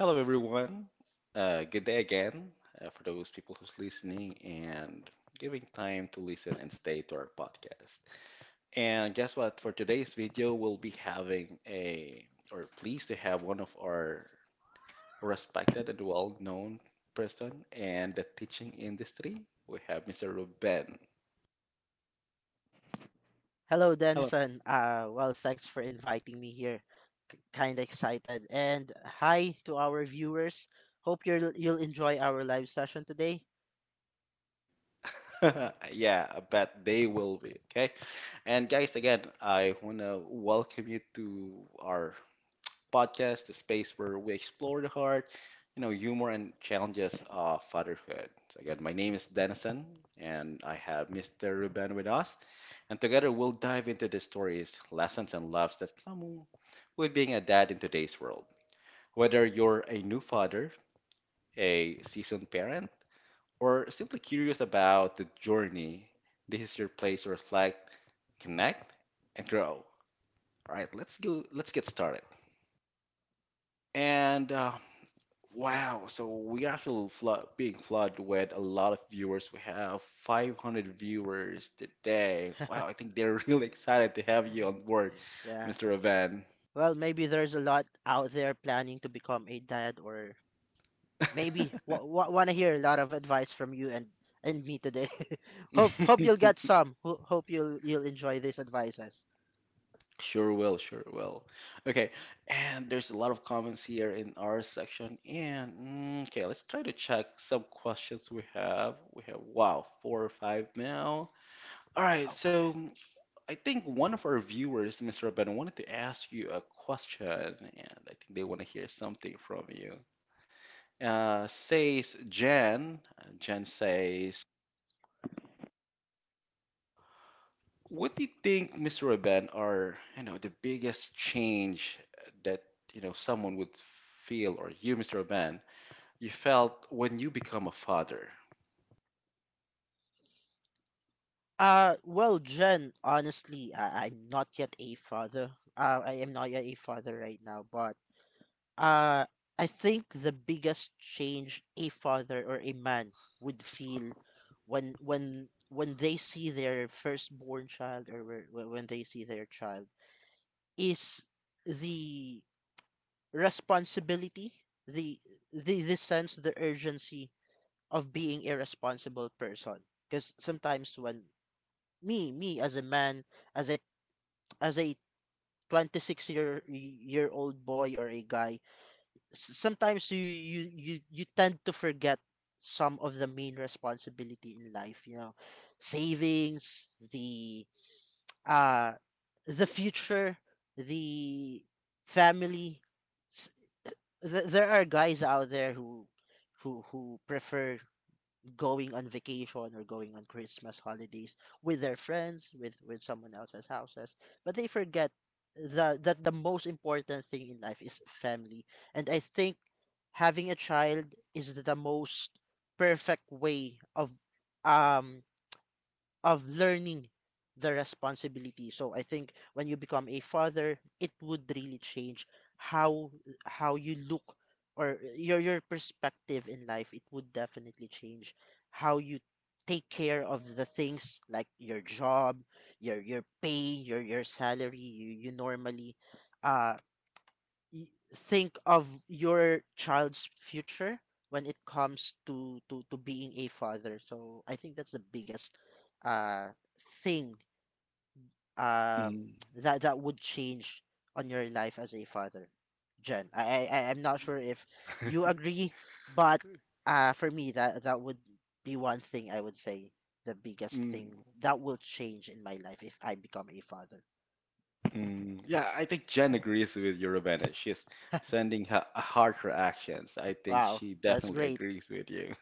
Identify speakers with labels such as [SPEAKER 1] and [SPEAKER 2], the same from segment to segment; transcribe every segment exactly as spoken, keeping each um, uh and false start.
[SPEAKER 1] Hello, everyone. Uh, good day again uh, for those people who's listening and giving time to listen and stay to our podcast. And guess what? For today's video, we'll be having a, or pleased to have one of our respected and well-known person in the teaching industry. We have mister Ruben.
[SPEAKER 2] Hello,
[SPEAKER 1] Hello.
[SPEAKER 2] Denison. Uh, well, thanks for inviting me here. Kind of excited. And hi to our viewers. Hope you'll you'll enjoy our live session today.
[SPEAKER 1] Yeah, I bet they will be. Okay. And guys, again, I want to welcome you to our podcast, the space where we explore the heart, you know, humor and challenges of fatherhood. So again, my name is Denison, and I have mister Ruben with us, and together we'll dive into the stories, lessons, and loves that come with being a dad in today's world. Whether you're a new father, a seasoned parent, or simply curious about the journey, this is your place to reflect, connect, and grow. All right, let's go. Let's get started. And uh, wow, so we actually flood, being flooded with a lot of viewers. We have five hundred viewers today. Wow, I think they're really excited to have you on board,
[SPEAKER 2] Yeah.
[SPEAKER 1] mister Evan.
[SPEAKER 2] Well, maybe there's a lot out there planning to become a dad, or maybe w- w- want to hear a lot of advice from you and and me today. hope hope you'll get some. Ho- hope you'll you'll enjoy these advices.
[SPEAKER 1] Sure will, sure will. Okay, and there's a lot of comments here in our section. And mm, okay, let's try to check some questions we have. We have, wow, four or five now. All right,
[SPEAKER 2] Okay.
[SPEAKER 1] so I think one of our viewers, mister Ben, wanted to ask you a question, and I think they want to hear something from you. Uh, says Jan. uh, Jan says, "What do you think, mister Ben, are you know the biggest change that you know someone would feel, or you, mister Ben, you felt when you become a father?"
[SPEAKER 2] Uh, well, Jen, honestly, I- I'm not yet a father. Uh, I am not yet a father right now, but Uh, I think the biggest change a father or a man would feel when when when they see their firstborn child, or whe- whe- when they see their child is the responsibility, the the the sense, the urgency of being a responsible person. Because sometimes when me me as a man, as a as a twenty six year year old boy or a guy, s- sometimes you you you you tend to forget some of the main responsibility in life, you know, savings, the uh the future, the family. S- th- there are guys out there who who who prefer going on vacation or going on Christmas holidays with their friends, with with someone else's houses, but they forget the that the most important thing in life is family. And I think having a child is the most perfect way of um of learning the responsibility. So I think when you become a father, it would really change how how you look, or your your perspective in life. It would definitely change how you take care of the things like your job, your your pay, your your salary. you, you normally uh y- think of your child's future when it comes to to to being a father. So I think that's the biggest uh thing, um
[SPEAKER 1] Mm,
[SPEAKER 2] that that would change on your life as a father. Jen, i i I- I'm not sure if you agree, but uh for me, that that would be one thing. I would say the biggest
[SPEAKER 1] mm,
[SPEAKER 2] thing that will change in my life if I become a father.
[SPEAKER 1] mm. Yeah, I think Jen agrees with you, Ravenna. She's sending her heart reactions. I think
[SPEAKER 2] Wow,
[SPEAKER 1] she
[SPEAKER 2] that's
[SPEAKER 1] definitely
[SPEAKER 2] great.
[SPEAKER 1] agrees with you.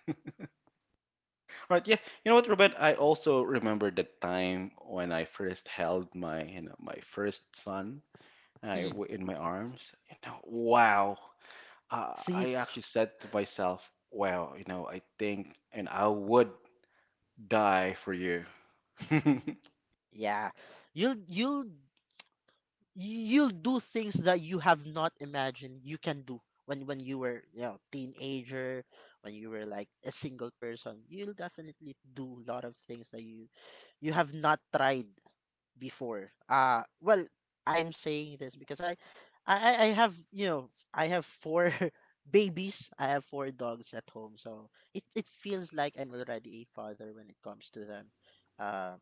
[SPEAKER 1] Right, yeah. You know what, Robert? I also remember the time when I first held my, you know, my first son I,
[SPEAKER 2] Mm.
[SPEAKER 1] w- in my arms. You know, wow. Uh,
[SPEAKER 2] See.
[SPEAKER 1] I actually said to myself, "Wow, you know, I think, and I would die for you."
[SPEAKER 2] Yeah. You'll you'll you'll do things that you have not imagined you can do when when you were, you know, teenager, when you were like a single person. You'll definitely do a lot of things that you you have not tried before. Uh well, I'm saying this because I I I I have, you know, I have four babies. I have four dogs at home, so it it feels like I'm already a father when it comes to them. Um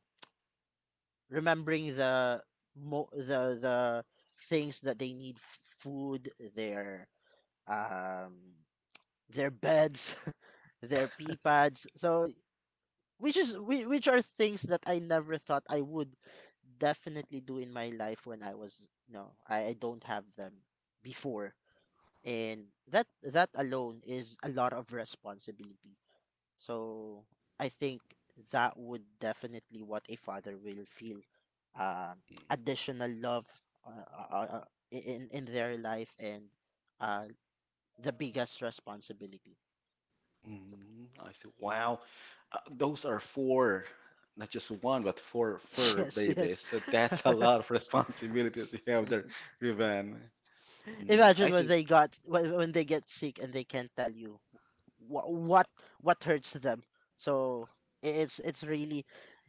[SPEAKER 2] Remembering the mo- the the things that they need: f- food, their um their beds, their pee pads. So which is whi- which are things that I never thought I would definitely do in my life when I was no i, I don't have them before. And that that alone is a lot of responsibility. So I think that would definitely what a father will feel: um additional love, uh, uh, uh, in in their life, and uh the biggest responsibility.
[SPEAKER 1] Mm, I said, "Wow, uh, those are four, not just one, but four fur
[SPEAKER 2] Yes, yes.
[SPEAKER 1] babies. So that's a lot of responsibilities you have there, Rivan." Mm, I
[SPEAKER 2] Imagine when
[SPEAKER 1] see.
[SPEAKER 2] they got when, when they get sick and they can't tell you what what what hurts them. So i- it's it's really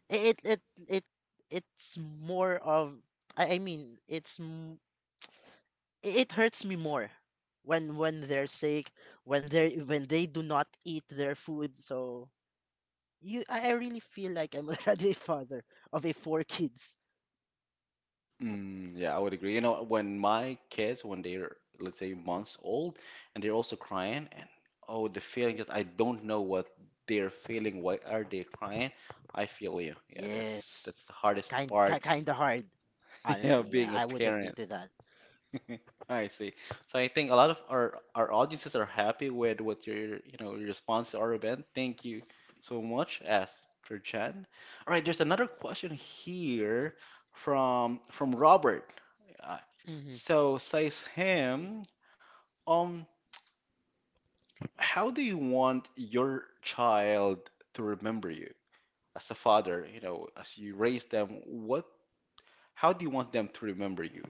[SPEAKER 2] it it it it it's more of, I I mean it's m- i- it hurts me more when when they're sick, when they when they do not eat their food. So you I, I really feel like I'm already a father of a four kids.
[SPEAKER 1] Mm, yeah, I would agree. You know, when my kids, when they're, let's say, months old, and they're also crying, and oh, the feeling just, I don't know what they're feeling. Why are they crying? I feel you. Yeah, that's
[SPEAKER 2] Yes.
[SPEAKER 1] that's the hardest
[SPEAKER 2] kind ki
[SPEAKER 1] part,
[SPEAKER 2] kind of hard.
[SPEAKER 1] yeah,
[SPEAKER 2] Honestly, yeah,
[SPEAKER 1] being a
[SPEAKER 2] I would agree
[SPEAKER 1] parent.
[SPEAKER 2] to that.
[SPEAKER 1] I see. So I think a lot of our our audiences are happy with what your you know your response to our event. Thank you so much, Esther Chen. All right, there's another question here from from Robert. Uh,
[SPEAKER 2] Hmm,
[SPEAKER 1] so says
[SPEAKER 2] let's see.
[SPEAKER 1] him, um, how do you want your child to remember you as a father? You know, as you raise them, what? How do you want them to remember you?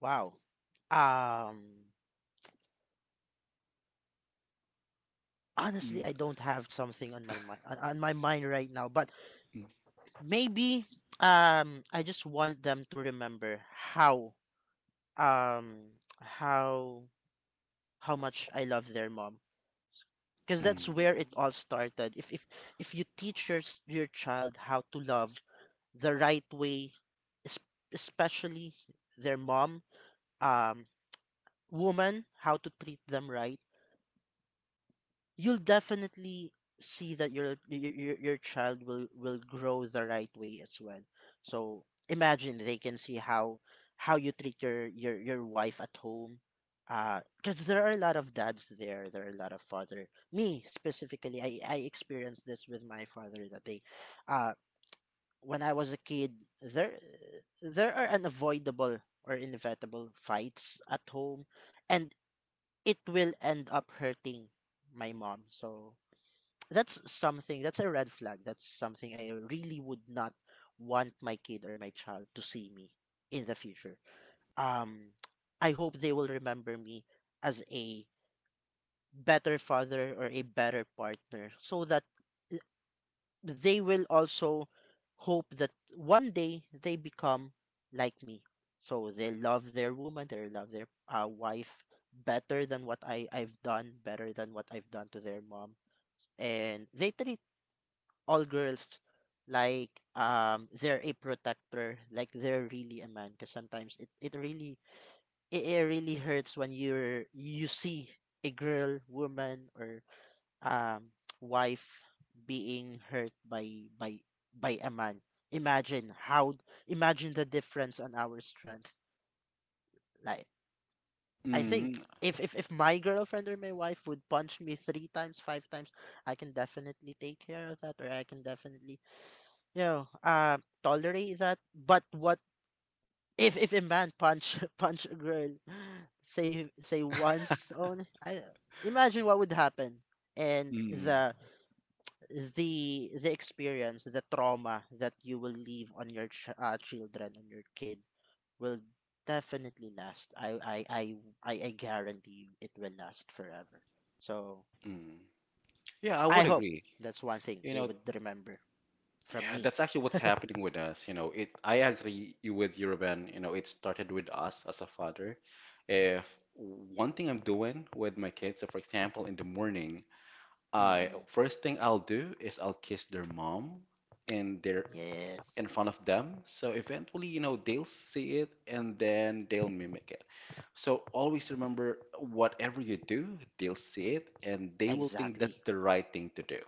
[SPEAKER 2] Wow. um Honestly,
[SPEAKER 1] Mm,
[SPEAKER 2] I don't have something on my mind on on my mind right now. But
[SPEAKER 1] mm,
[SPEAKER 2] maybe, um I just want them to remember how um how how much I love their mom. Because that's where it
[SPEAKER 1] mm,
[SPEAKER 2] all started. If if if you teach your s- your child how to love the right way, es- especially their mom, um, woman, how to treat them right, you'll definitely see that your your, your your child will will grow the right way as well. So imagine they can see how how you treat your your, your wife at home. Because there are a lot of dads there. There are a lot of father. Me specifically, I I experienced this with my father, that they uh when I was a kid, there there are unavoidable or inevitable fights at home, and it will end up hurting my mom. So that's something, that's a red flag, that's something I really would not want my kid or my child to see me in the future. um I hope they will remember me as a better father or a better partner, so that uh, they will also hope that one day they become like me. So they love their woman, they love their uh, wife better than what I, I've done, better than what I've done to their mom. And they treat all girls like, um they're a protector, like they're really a man. Because sometimes it, it really it, it really hurts when you're you see a girl, woman, or um wife being hurt by by by a man. imagine how Imagine the difference on our strength. Like, I
[SPEAKER 1] mm,
[SPEAKER 2] think if if, if my girlfriend or my wife would punch me three times, five times, I can definitely take care of that, or I can definitely, yeah, uh, tolerate that. But what if if a man punch punch a girl, say say once only? I imagine what would happen. And
[SPEAKER 1] mm.
[SPEAKER 2] the the the experience, the trauma that you will leave on your ch- uh, children, on your kid, will definitely last. I I I I I guarantee you it will last forever. So
[SPEAKER 1] Mm. Yeah, I
[SPEAKER 2] I
[SPEAKER 1] would
[SPEAKER 2] hope
[SPEAKER 1] agree.
[SPEAKER 2] that's one thing
[SPEAKER 1] You
[SPEAKER 2] they
[SPEAKER 1] know,
[SPEAKER 2] would remember from
[SPEAKER 1] yeah,
[SPEAKER 2] me.
[SPEAKER 1] that's actually what's happening with us. You know, it. I agree you with you, Ruben. You know, it started with us as a father. If one thing I'm doing with my kids, so for example, in the morning, I
[SPEAKER 2] Mm-mm.
[SPEAKER 1] first thing I'll do is I'll kiss their mom in their in
[SPEAKER 2] Yes,
[SPEAKER 1] front of them. So eventually, you know, they'll see it and then they'll mimic it. So always remember, whatever you do, they'll see it and they will think that's
[SPEAKER 2] exactly.
[SPEAKER 1] the right thing to do.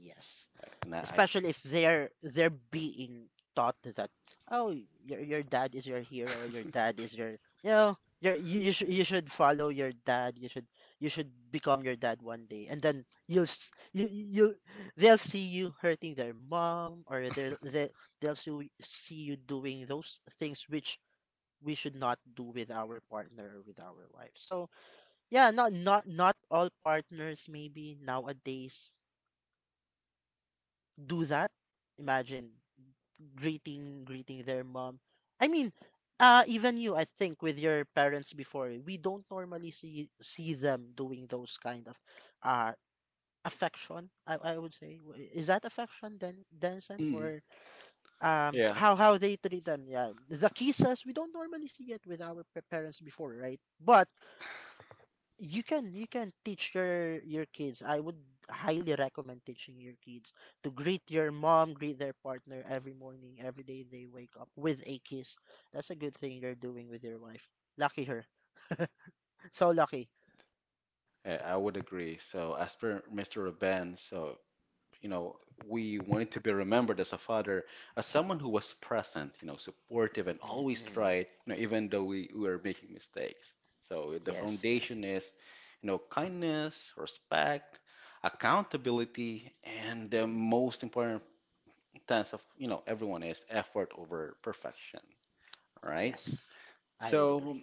[SPEAKER 2] Yes.
[SPEAKER 1] Nah, I
[SPEAKER 2] Especially if they're they're being taught that, oh, your your dad is your hero, your dad is your, you know, your you you, sh- you should follow your dad, you should you should become your dad one day. And then you'll s- you you, they'll see you hurting their mom, or they'll they, they'll see see you doing those things which we should not do with our partner or with our wife. So yeah, not not not all partners maybe nowadays do that. Imagine greeting greeting their mom. I mean, uh, even you, I think, with your parents before, we don't normally see see them doing those kind of uh affection. I, I would say, W- is that affection then, Denson,
[SPEAKER 1] mm,
[SPEAKER 2] or um
[SPEAKER 1] yeah,
[SPEAKER 2] how how they treat them? Yeah, the kisses, we don't normally see it with our pa- parents before, right? But you can you can teach your your kids. I would highly recommend teaching your kids to greet your mom, greet their partner every morning, every day they wake up with a kiss. That's a good thing you're doing with your wife. Lucky her. So lucky.
[SPEAKER 1] I I would agree. So, as per mister Ruben, so, you know, we wanted to be remembered as a father, as someone who was present, you know, supportive and always
[SPEAKER 2] Mm-mm.
[SPEAKER 1] tried, you know, even though we, we were making mistakes. So, the
[SPEAKER 2] Yes. Yes.
[SPEAKER 1] foundation is, you know, kindness, respect, accountability, and the
[SPEAKER 2] Mm-mm.
[SPEAKER 1] most important sense of, you know, everyone is effort over perfection, right?
[SPEAKER 2] Yes, I would
[SPEAKER 1] So,
[SPEAKER 2] agree.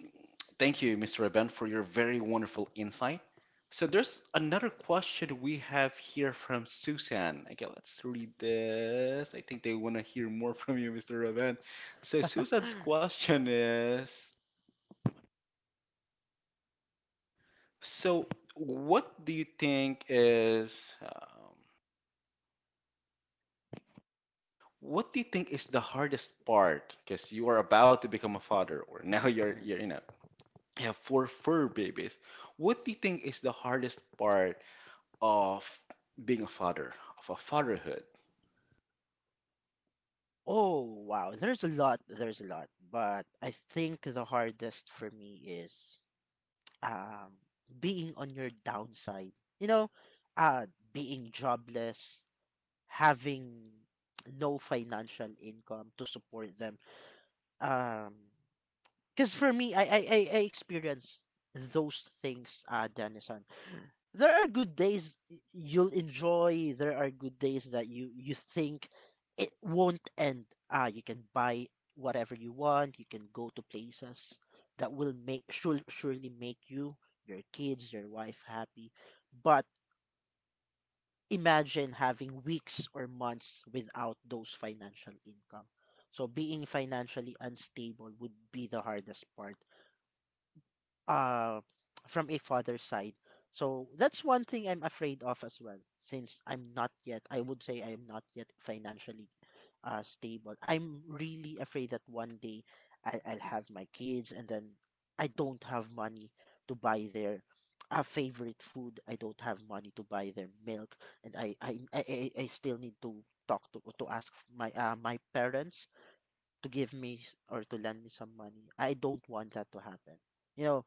[SPEAKER 1] thank you, mister Aben, for your very wonderful insight. So, there's another question we have here from Susan. Okay, let's read this. I think they want to hear more from you, mister Aben. So, Susan's question is, so what do you think is um, what do you think is the hardest part? Because you are about to become a father, or now you're you're
[SPEAKER 2] Mm.
[SPEAKER 1] you know you have four fur babies. What do you think is the hardest part of being a father, of a fatherhood.
[SPEAKER 2] Oh, wow. There's a lot. There's a lot. But I think the hardest for me is um, being on your downside. You know, uh, being jobless, having no financial income to support them. Um, because for me, I, I, I, I experience those things, uh, Danielson. There are good days you'll enjoy. There are good days that you, you think it won't end. Ah, you can buy whatever you want. You can go to places that will make should surely make you, your kids, your wife happy. But imagine having weeks or months without those financial income. So being financially unstable would be the hardest part, uh, from a father's side. So that's one thing I'm afraid of as well, since I'm not yet, I would say I'm not yet financially uh, stable. I'm really afraid that one day I, I'll have my kids and then I don't have money to buy their uh, favorite food. I don't have money to buy their milk, and I I, I, I I still need to talk to to ask my uh, my parents to give me s- or to lend me some money. I don't want that to happen. You know,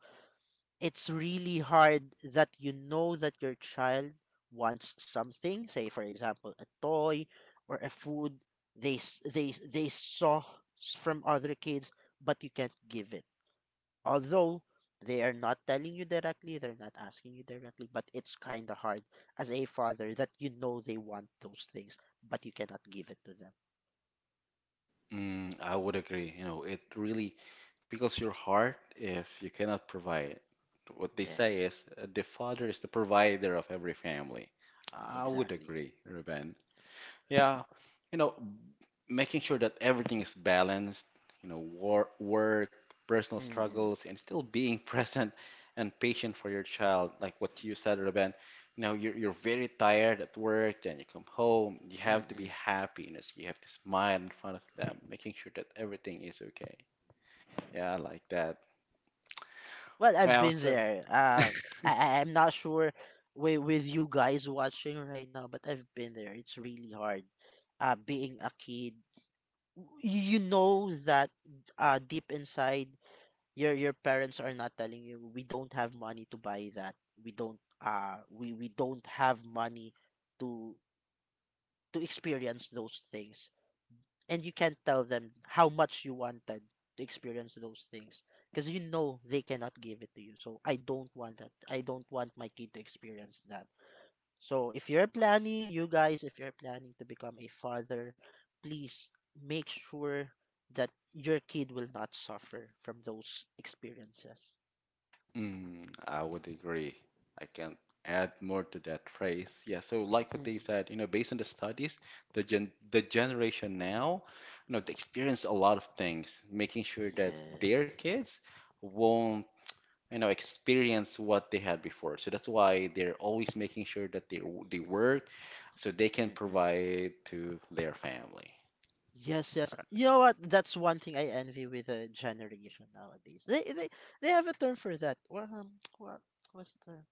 [SPEAKER 2] it's really hard that you know that your child wants something, say for example, a toy or a food they s- they s- they saw s- from other kids, but you can't give it. Although they are not telling you directly, they're not asking you directly, but it's kind of hard as a father that you know they want those things but you cannot give it to them.
[SPEAKER 1] Mm, I would agree. You know, it really pickles your heart if you cannot provide. What they say
[SPEAKER 2] Yes,
[SPEAKER 1] is uh, the father is the provider of every family. I would
[SPEAKER 2] exactly.
[SPEAKER 1] agree, Ruben. Yeah, you know, making sure that everything is balanced, you know, war, work, personal
[SPEAKER 2] Mm-mm.
[SPEAKER 1] struggles, and still being present and patient for your child. Like what you said, Ruben, you know, you're, you're very tired at work, then you come home, you have to be
[SPEAKER 2] Mm-mm.
[SPEAKER 1] happy, you know, so you have to smile in front of them, making sure that everything is okay. Yeah, I like that.
[SPEAKER 2] Well, I've
[SPEAKER 1] Wow,
[SPEAKER 2] been
[SPEAKER 1] so
[SPEAKER 2] there. Uh, I I- I'm not sure with with you guys watching right now, but I've been there. It's really hard. Uh, being a kid, W- you you know that uh deep inside, your your parents are not telling you we don't have money to buy that. We don't uh we we don't have money to to experience those things, and you can't tell them how much you wanted to experience those things because you know they cannot give it to you. So I don't want that. I don't want my kid to experience that. So if you're planning, you guys, if you're planning to become a father, please make sure that your kid will not suffer from those experiences.
[SPEAKER 1] mm, I would agree. I can add more to that phrase. Yeah, so like what they
[SPEAKER 2] Mm-mm.
[SPEAKER 1] said, you know, based on the studies, the gen the generation now, you know, they experience a lot of things, making sure that their
[SPEAKER 2] Yes.
[SPEAKER 1] kids won't, you know, experience what they had before. So that's why they're always making sure that they w- they work so they can
[SPEAKER 2] Mm-mm.
[SPEAKER 1] provide to their family.
[SPEAKER 2] Yes, yes.
[SPEAKER 1] Right.
[SPEAKER 2] You know what? That's one thing I envy with the generation nowadays. They they they have a term for that. Well, um, what what's the term?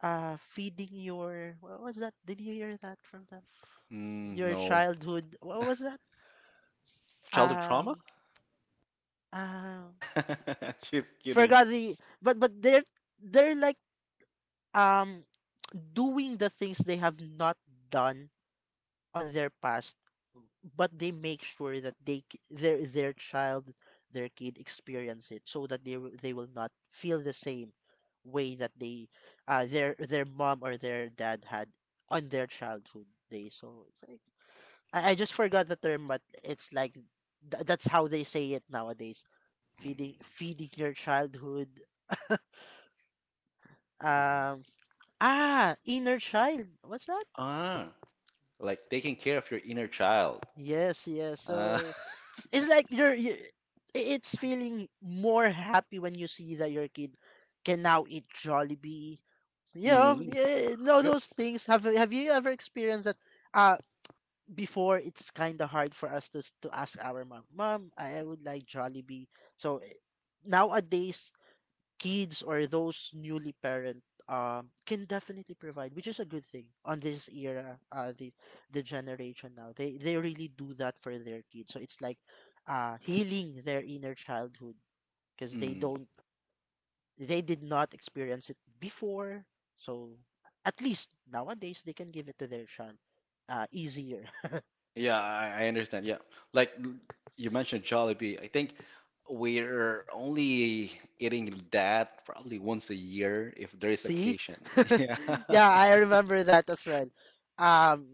[SPEAKER 2] Uh, feeding your, what was that? Did you hear that from them?
[SPEAKER 1] Mm,
[SPEAKER 2] Your
[SPEAKER 1] no.
[SPEAKER 2] childhood. What was that?
[SPEAKER 1] Childhood trauma?
[SPEAKER 2] Um, um,
[SPEAKER 1] She's kidding.
[SPEAKER 2] forgot the. But but they're they're like, um doing the things they have not done on their past, but they make sure that they c- their their child, their kid experience it, so that they will- they will not feel the same way that they uh their their mom or their dad had on their childhood days. So it's like, I, I just forgot the term, but it's like, th- that's how they say it nowadays.
[SPEAKER 1] Mm,
[SPEAKER 2] Feeding feeding your childhood,
[SPEAKER 1] mm.
[SPEAKER 2] um ah inner child. What's that?
[SPEAKER 1] Ah, like taking care of your inner child.
[SPEAKER 2] Yes, yes.
[SPEAKER 1] Uh,
[SPEAKER 2] So it's like, you're, you, it's feeling more happy when you see that your kid can now eat Jollibee. You know,
[SPEAKER 1] mm,
[SPEAKER 2] yeah, no,
[SPEAKER 1] yep.
[SPEAKER 2] those things. Have Have you ever experienced that? Uh, before, it's kind of hard for us to s- to ask our mom, mom, I I would like Jollibee. So eh, nowadays kids or those newly parent um can definitely provide, which is a good thing on this era, uh, the the generation now. They they really do that for their kids. So it's like, uh healing their inner childhood, because they
[SPEAKER 1] Mm,
[SPEAKER 2] don't they did not experience it before. So at least nowadays they can give it to their child uh easier.
[SPEAKER 1] yeah, I, I understand. Yeah, like l- you mentioned Jollibee. I think we're only eating that probably once a year if there is
[SPEAKER 2] See?
[SPEAKER 1] occasion. Yeah.
[SPEAKER 2] Yeah, I remember that as well. Um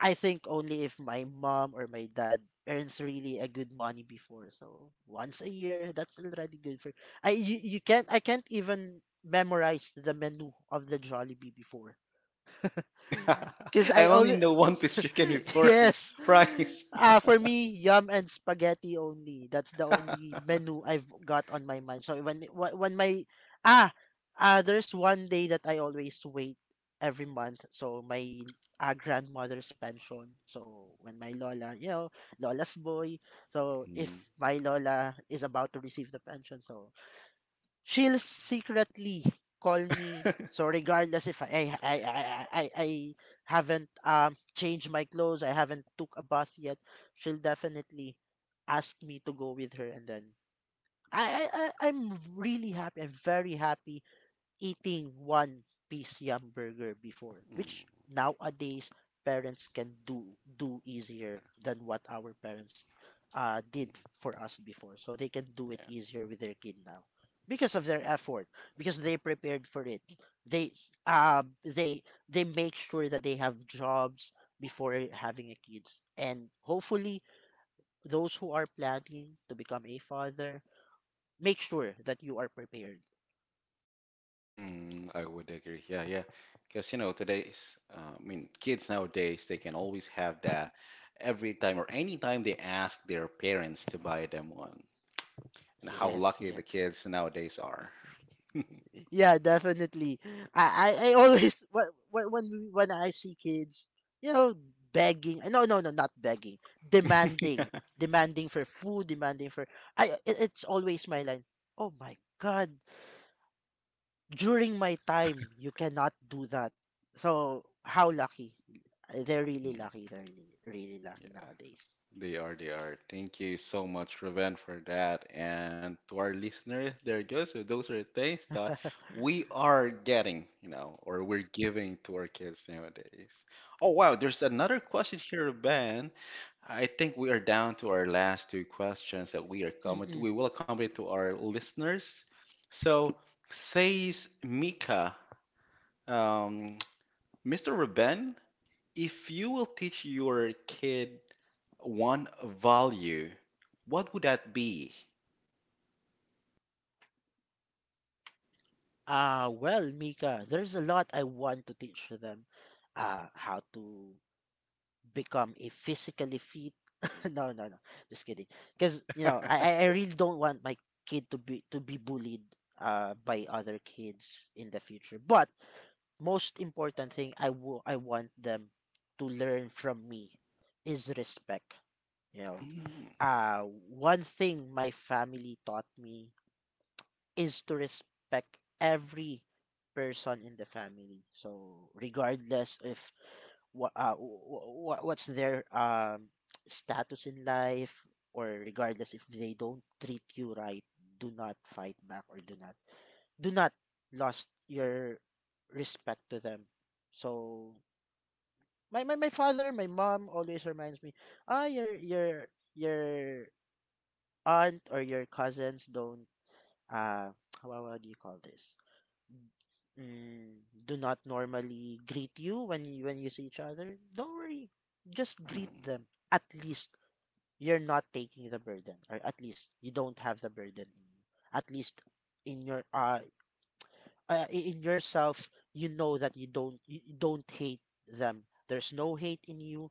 [SPEAKER 2] I think only if my mom or my dad earns really a good money before. So once a year, that's already good for. I you, you can't I can't even memorize the menu of the Jollibee before. Because
[SPEAKER 1] I
[SPEAKER 2] I
[SPEAKER 1] only
[SPEAKER 2] always,
[SPEAKER 1] know one piece chicken before and
[SPEAKER 2] yes.
[SPEAKER 1] fries.
[SPEAKER 2] Uh, for me, yum and spaghetti only. That's the only menu I've got on my mind. So when wh- when my ah uh, there's one day that I always wait every month. So my uh, grandmother's pension. So when my lola, you know, lola's boy. So if my lola is about to receive the pension, so she'll secretly call me.
[SPEAKER 1] Mm,
[SPEAKER 2] So regardless if I I I I, I I haven't um changed my clothes, I haven't took a bath yet, she'll definitely ask me to go with her, and then I I I- I'm really happy. I'm very happy eating one piece yum burger before, which
[SPEAKER 1] mm,
[SPEAKER 2] nowadays parents can do do easier than what our parents uh, did for us before. So they can do it easier with their kid now, because of their effort, because they prepared for it. They uh, they they make sure that they have jobs before having a kids, and hopefully those who are planning to become a father make sure that you are prepared.
[SPEAKER 1] mm, I would agree. Yeah, yeah. Because, you know, today's, uh, I mean, kids nowadays, they can always have that every time or anytime they ask their parents to buy them one. And how
[SPEAKER 2] Yes,
[SPEAKER 1] lucky the
[SPEAKER 2] yes.
[SPEAKER 1] kids nowadays are.
[SPEAKER 2] Yeah, definitely. I, I, I always when when when we- when I see kids, you know, begging. No, no, no, not begging. Demanding, demanding for food, demanding for. I. It, it's always my line. Oh my God! During my time, you cannot do that. So how lucky? They're really
[SPEAKER 1] Mm,
[SPEAKER 2] lucky. They're really, really
[SPEAKER 1] yeah,
[SPEAKER 2] lucky nowadays.
[SPEAKER 1] they are, they are. Thank you so much, Raven, for that. And to our listeners, there you go. So those are the things that we are getting, you know, or we're giving to our kids nowadays. Oh, wow, there's another question here, Raven. I think we are down to our last two questions that we are comment
[SPEAKER 2] Mm-mm.
[SPEAKER 1] we will accommodate to our listeners. So says Mika, um, mister Ruben, if you will teach your kid one value, what would that be?
[SPEAKER 2] Uh, well, Mika, there's a lot I want to teach them, uh, how to become a physically fit. No, no, no, just kidding. Because you know I, I I really don't want my kid to be to be bullied uh by other kids in the future. But most important thing, I will I want them to learn from me, is respect, you know.
[SPEAKER 1] Mm,
[SPEAKER 2] Uh one thing my family taught me is to respect every person in the family. So regardless if what uh, what what's their um status in life, or regardless if they don't treat you right, do not fight back or do not do not lost your respect to them. So my, my, my father, my mom always reminds me, ah your your your aunt or your cousins don't, uh how, how do you call this? mm, do not normally greet you when you, when you see each other, don't worry. Just greet
[SPEAKER 1] mm,
[SPEAKER 2] them. At least you're not taking the burden, or at least you don't have the burden in you. At least in your uh, uh i- in yourself, you know that you don't you you don't hate them. There's no hate in you.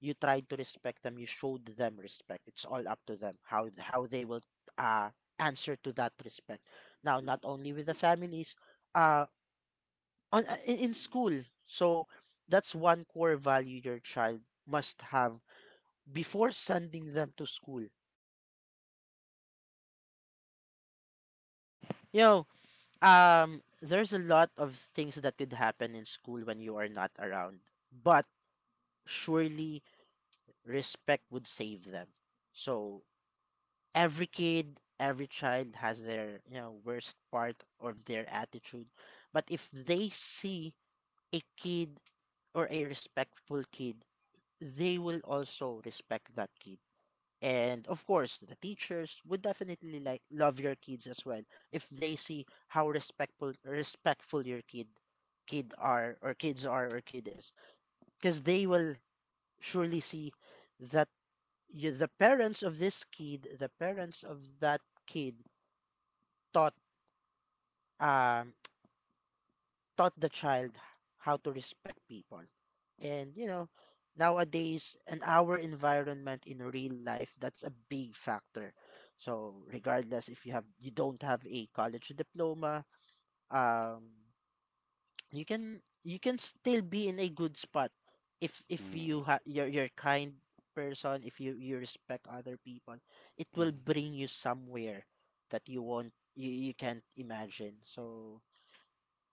[SPEAKER 2] You tried to respect them. You showed them respect. It's all up to them how how they will uh answer to that respect. Now, not only with the families, uh, on uh, in, in school. So that's one core value your child must have before sending them to school. You know, um, there's a lot of things that could happen in school when you are not around, but surely respect would save them. So every kid, every child has their you know worst part of their attitude, but if they see a kid or a respectful kid, they will also respect that kid, and of course the teachers would definitely like love your kids as well if they see how respectful respectful your kid kid are or kids are or kid is, because they will surely see that you, the parents of this kid, the parents of that kid taught, um taught the child how to respect people. And you know, nowadays and our environment in real life, that's a big factor. So regardless if you have you don't have a college diploma, um you can you can still be in a good spot, if if
[SPEAKER 1] mm,
[SPEAKER 2] you ha- you're you're a kind person. If you you respect other people, it will
[SPEAKER 1] mm.
[SPEAKER 2] bring you somewhere that you won't you, you can't imagine. So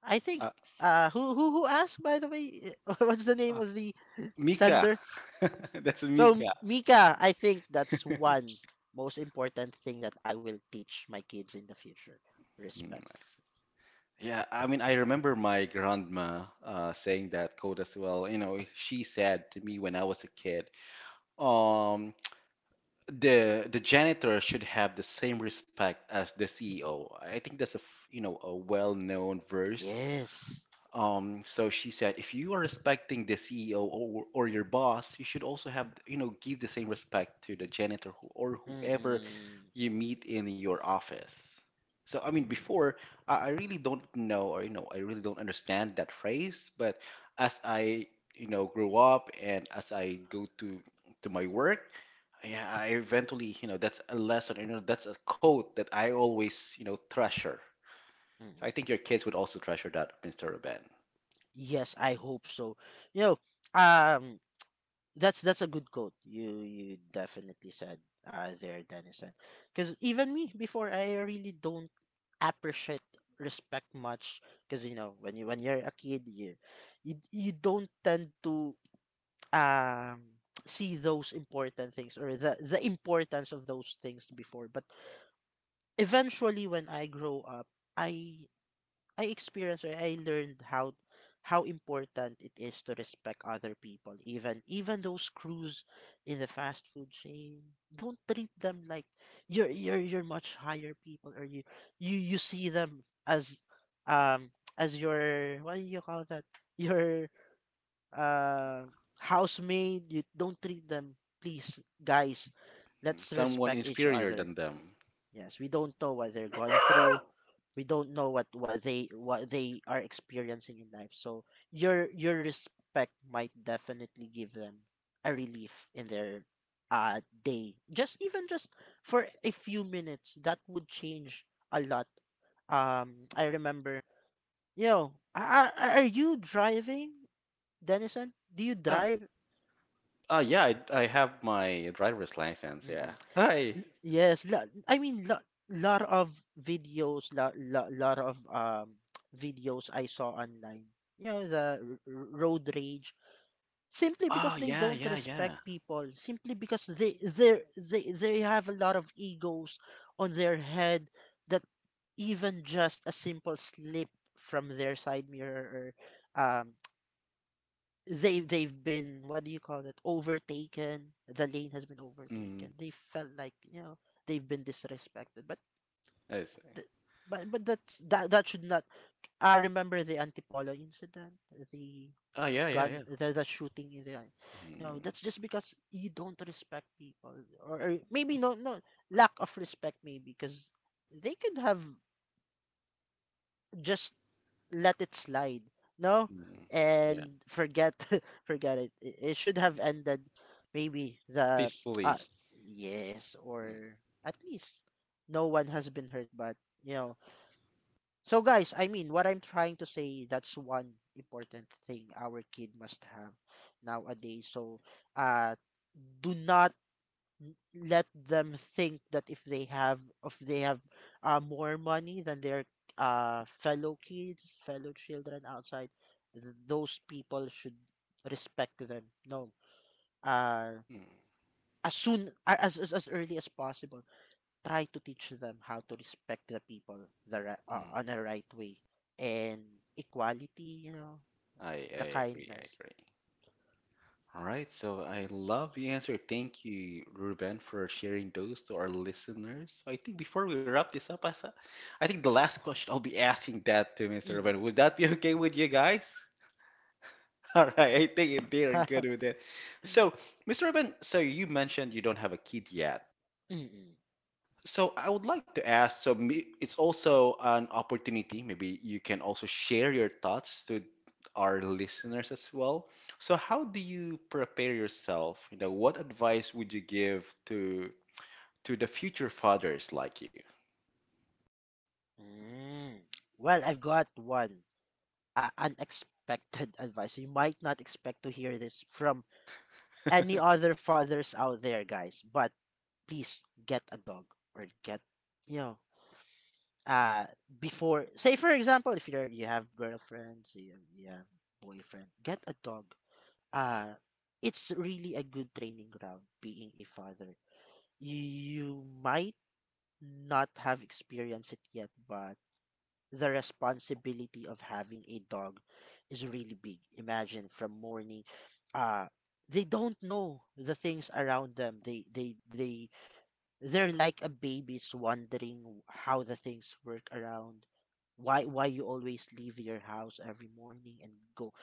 [SPEAKER 2] I think,
[SPEAKER 1] Uh,
[SPEAKER 2] uh who who who asked, by the way, what's the name
[SPEAKER 1] uh,
[SPEAKER 2] of the
[SPEAKER 1] Mika,
[SPEAKER 2] sender?
[SPEAKER 1] that's a
[SPEAKER 2] So
[SPEAKER 1] Mika.
[SPEAKER 2] M- Mika, I think that's one most important thing that I will teach my kids in the future. Respect.
[SPEAKER 1] Yeah, I mean, I remember my grandma uh, saying that quote as well. You know, she said to me when I was a kid, um, the the janitor should have the... same respect as the C E O. I think that's a f- you know a well-known verse.
[SPEAKER 2] Yes.
[SPEAKER 1] Um, so she said, if you are respecting the C E O or, or your boss, you should also have you know give the same respect to the janitor who, or whoever
[SPEAKER 2] Mm-mm.
[SPEAKER 1] you meet in your office. So, I mean,
[SPEAKER 2] Mm-mm.
[SPEAKER 1] before, I, I really don't know, or, you know, I really don't understand that phrase, but as I, you know, grow up and as I go to to my work, yeah, I eventually, you know, that's a lesson, you know, that's a quote that I always, you know, treasure.
[SPEAKER 2] Mm-mm.
[SPEAKER 1] I think your kids would also treasure that, mister Ben.
[SPEAKER 2] Yes, I hope so. You know, um That's that's a good quote. You you definitely said uh, there, Denison. Because even me before, I really don't appreciate respect much. Because you know when you when you're a kid, you you, you don't tend to um see those important things or the the importance of those things before. But eventually, when I grow up, I I experienced, or I learned how how important it is to respect other people, even even those crews in the fast food chain. Don't treat them like you're you're you're much higher people, or you you you see them as, um as your, what do you call that, your uh housemaid. You don't treat them. Please, guys,
[SPEAKER 1] Mm,
[SPEAKER 2] let's
[SPEAKER 1] Someone
[SPEAKER 2] respect each
[SPEAKER 1] inferior
[SPEAKER 2] other.
[SPEAKER 1] than them.
[SPEAKER 2] Yes, we don't know what they're going through. We don't know what, what they what they are experiencing in life. So your your respect might definitely give them a relief in their uh day. Just even just for a few minutes, that would change a lot. Um, I remember, yo, are, are you driving, Denison? Do you
[SPEAKER 1] Ah,
[SPEAKER 2] drive?
[SPEAKER 1] ah, yeah, I, I have my driver's license. Yeah.
[SPEAKER 2] Mm-mm.
[SPEAKER 1] Hi.
[SPEAKER 2] L- Yes, lo- I mean, lo- lot of videos, lot, lot, lot of um videos I saw online. You know, the r- r- road rage, simply
[SPEAKER 1] Oh,
[SPEAKER 2] because they
[SPEAKER 1] yeah,
[SPEAKER 2] don't
[SPEAKER 1] yeah,
[SPEAKER 2] respect
[SPEAKER 1] yeah.
[SPEAKER 2] people, simply because they they they they have a lot of egos on their head, that even just a simple slip from their side mirror, or um they they've been, what do you call it, overtaken, the lane has been overtaken,
[SPEAKER 1] Mm,
[SPEAKER 2] they felt like, you know, they've been disrespected, but
[SPEAKER 1] I see.
[SPEAKER 2] th- but but that's that that should not. I remember the Antipolo incident, the
[SPEAKER 1] Oh, yeah, yeah,
[SPEAKER 2] gun
[SPEAKER 1] yeah.
[SPEAKER 2] the, the shooting in the, you know,
[SPEAKER 1] Mm,
[SPEAKER 2] that's just because you don't respect people. Or, or maybe, no, no, lack of respect, maybe because they could have just let it slide, no,
[SPEAKER 1] mm, yeah.
[SPEAKER 2] and forget. Forget it. it it should have ended maybe, the, uh
[SPEAKER 1] Peacefully.
[SPEAKER 2] yes,
[SPEAKER 1] Mm,
[SPEAKER 2] or at least no one has been hurt. But, you know, so guys, I mean, what I'm trying to say, that's one important thing our kid must have nowadays. So uh do not, n- let them think that if they have if they have uh, more money than their uh, fellow kids, fellow children outside, th- those people should respect them. No, uh,
[SPEAKER 1] mm.
[SPEAKER 2] as soon a- as as, as early as possible, try to teach them how to respect the people, the ri- uh, on the right way, and equality. You know,
[SPEAKER 1] I,
[SPEAKER 2] the
[SPEAKER 1] I agree. I
[SPEAKER 2] kindness.
[SPEAKER 1] agree. All right, so I love the answer. Thank you, Ruben, for sharing those to our listeners. So I think before we wrap this up, Asa, I think the last question I'll be asking that to mister
[SPEAKER 2] Mm.
[SPEAKER 1] Ruben. Would that be okay with you guys? All right, I think they're good with it. So, mister Ruben, so you mentioned you don't have a kid yet.
[SPEAKER 2] Mm-mm.
[SPEAKER 1] So I would like to ask, so may- it's also an opportunity, maybe you can also share your thoughts to our listeners as well. So how do you prepare yourself? You know, what advice would you give to to the future fathers like you?
[SPEAKER 2] Mm. Well, I've got one. Uh, unexpected advice. You might not expect to hear this from any other fathers out there, guys. But please get a dog or get, you know, uh, before, say for example, if you're you have girlfriends, you have, you have boyfriend, get a dog. Uh, it's really a good training ground being a father. You might not have experienced it yet, but the responsibility of having a dog is really big. Imagine from morning, uh, they don't know the things around them. They they they they're like a babies wondering how the things work around. Why why you always leave your house every morning and go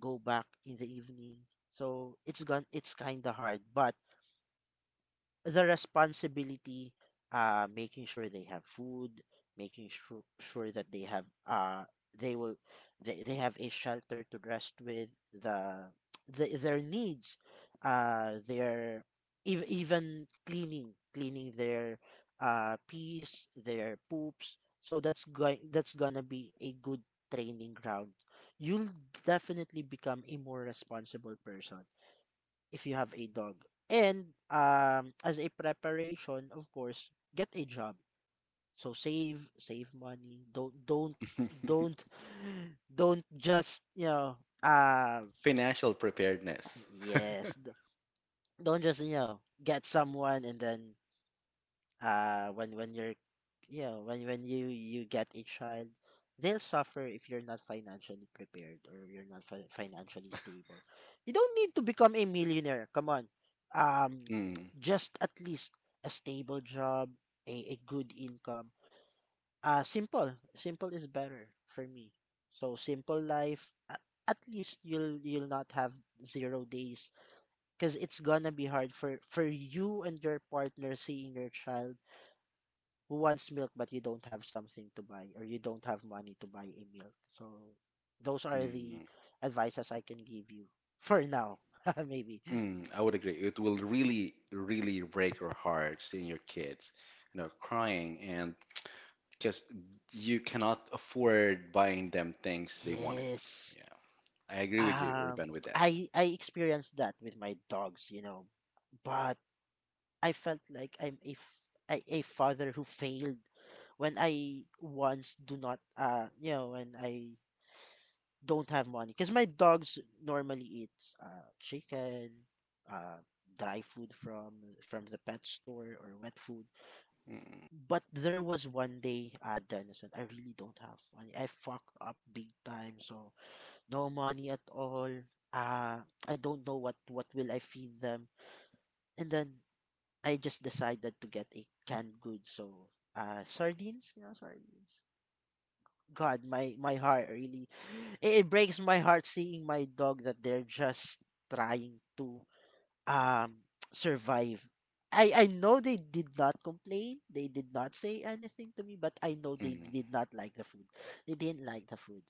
[SPEAKER 2] go back in the evening. So it's gone. It's kind of hard, but the responsibility, uh, making sure they have food, making sure sure that they have uh they will they, they have a shelter to rest with the, the their needs, uh their ev- even cleaning cleaning their uh pee's their poops. So that's going that's gonna be a good training ground. You'll definitely become a more responsible person if you have a dog. And um, as a preparation, of course, get a job. So save, save money. Don't, don't, don't, don't just you know. Uh,
[SPEAKER 1] Financial preparedness.
[SPEAKER 2] yes. d- Don't just, you know, get someone and then uh when when you're, you know, when when you you get a child, they'll suffer if you're not financially prepared or you're not fi- financially stable. You don't need to become a millionaire, come on. um
[SPEAKER 1] Mm,
[SPEAKER 2] just at least a stable job, a, a good income, uh simple simple is better for me. So simple life, a- at least you'll you'll not have zero days, because it's gonna be hard for for you and your partner seeing your child who wants milk but you don't have something to buy or you don't have money to buy a milk. So those are the
[SPEAKER 1] mm,
[SPEAKER 2] advices I can give you for now. Maybe.
[SPEAKER 1] mm, I would agree. It will really, really break your hearts seeing your kids, you know, crying and Because you cannot afford buying them things they wanted.
[SPEAKER 2] Yes.
[SPEAKER 1] Yeah, I agree with you,
[SPEAKER 2] Um
[SPEAKER 1] Ruben, with that.
[SPEAKER 2] I I experienced that with my dogs, you know. But I felt like I'm a f- a a father who failed when I once do not, uh you know, when I don't have money, because my dogs normally eat uh, chicken, uh, dry food from from the pet store or wet food.
[SPEAKER 1] Mm,
[SPEAKER 2] But there was one day, uh, Dennis Denison, I really don't have money. I fucked up big time, so no money at all. Uh, I don't know what what will I feed them, and then I just decided to get a canned good, so uh, sardines, you know, sardines. God, my my heart really, it, it breaks my heart seeing my dog that they're just trying to um survive. I I know they did not complain. They did not say anything to me, but I know they
[SPEAKER 1] mm,
[SPEAKER 2] did not like the food. They didn't like the food.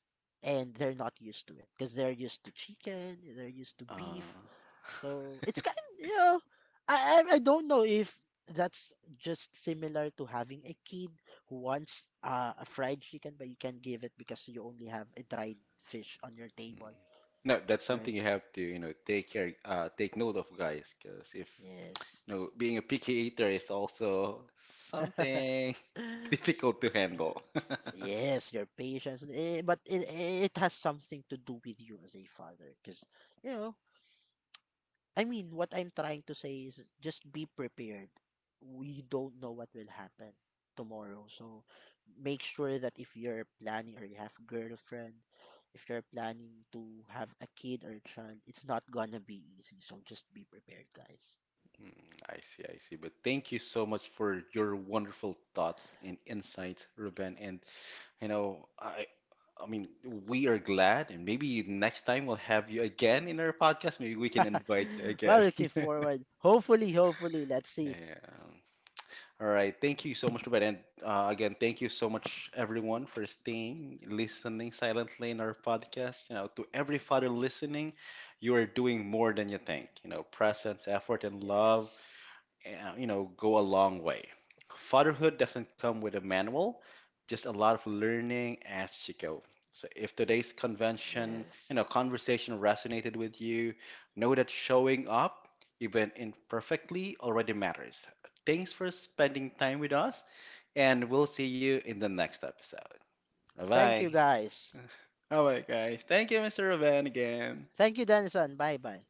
[SPEAKER 2] And they're not used to it because they're used to chicken, they're used to
[SPEAKER 1] uh,
[SPEAKER 2] beef,
[SPEAKER 1] mm.
[SPEAKER 2] so it's kind of, you know, I I I don't know if that's just similar to having a kid who wants, uh, a fried chicken, but you can't give it because you only have a dried fish on your table,
[SPEAKER 1] No, that's something
[SPEAKER 2] right?
[SPEAKER 1] you have to, you know, take care, uh, take note of, guys. Because if,
[SPEAKER 2] Yes.
[SPEAKER 1] you know, being a picky eater is also something difficult to handle.
[SPEAKER 2] Yes, your patience, eh, but it it has something to do with you as a father, because you know, I mean, what I'm trying to say is just be prepared. We don't know what will happen tomorrow. So make sure that if you're planning or you have girlfriend, if you're planning to have a kid or a child, it's not gonna be easy. So just be prepared, guys.
[SPEAKER 1] Mm, I see, I see. But thank you so much for your wonderful thoughts and insights, Ruben. And You know, I I mean, we are glad, and maybe next time we'll have you again in our podcast. Maybe we can invite you again.
[SPEAKER 2] Well, looking forward. Hopefully, hopefully, let's see.
[SPEAKER 1] Yeah. All right. Thank you so much, Ruben. And uh, again, thank you so much, everyone, for staying, listening silently in our podcast. You know, to every father listening, you are doing more than you think. You know, presence, effort, and love
[SPEAKER 2] Yes.
[SPEAKER 1] uh, you know, go a long way. Fatherhood doesn't come with a manual, just a lot of learning as you go. So if today's convention, you know,
[SPEAKER 2] Yes.
[SPEAKER 1] conversation resonated with you, know that showing up, even imperfectly, already matters. Thanks for spending time with us, and we'll see you in the next episode. Bye
[SPEAKER 2] Thank you
[SPEAKER 1] bye.
[SPEAKER 2] guys.
[SPEAKER 1] All right, guys. Thank you, mister Ruben, again.
[SPEAKER 2] Thank you, Denison. Bye bye.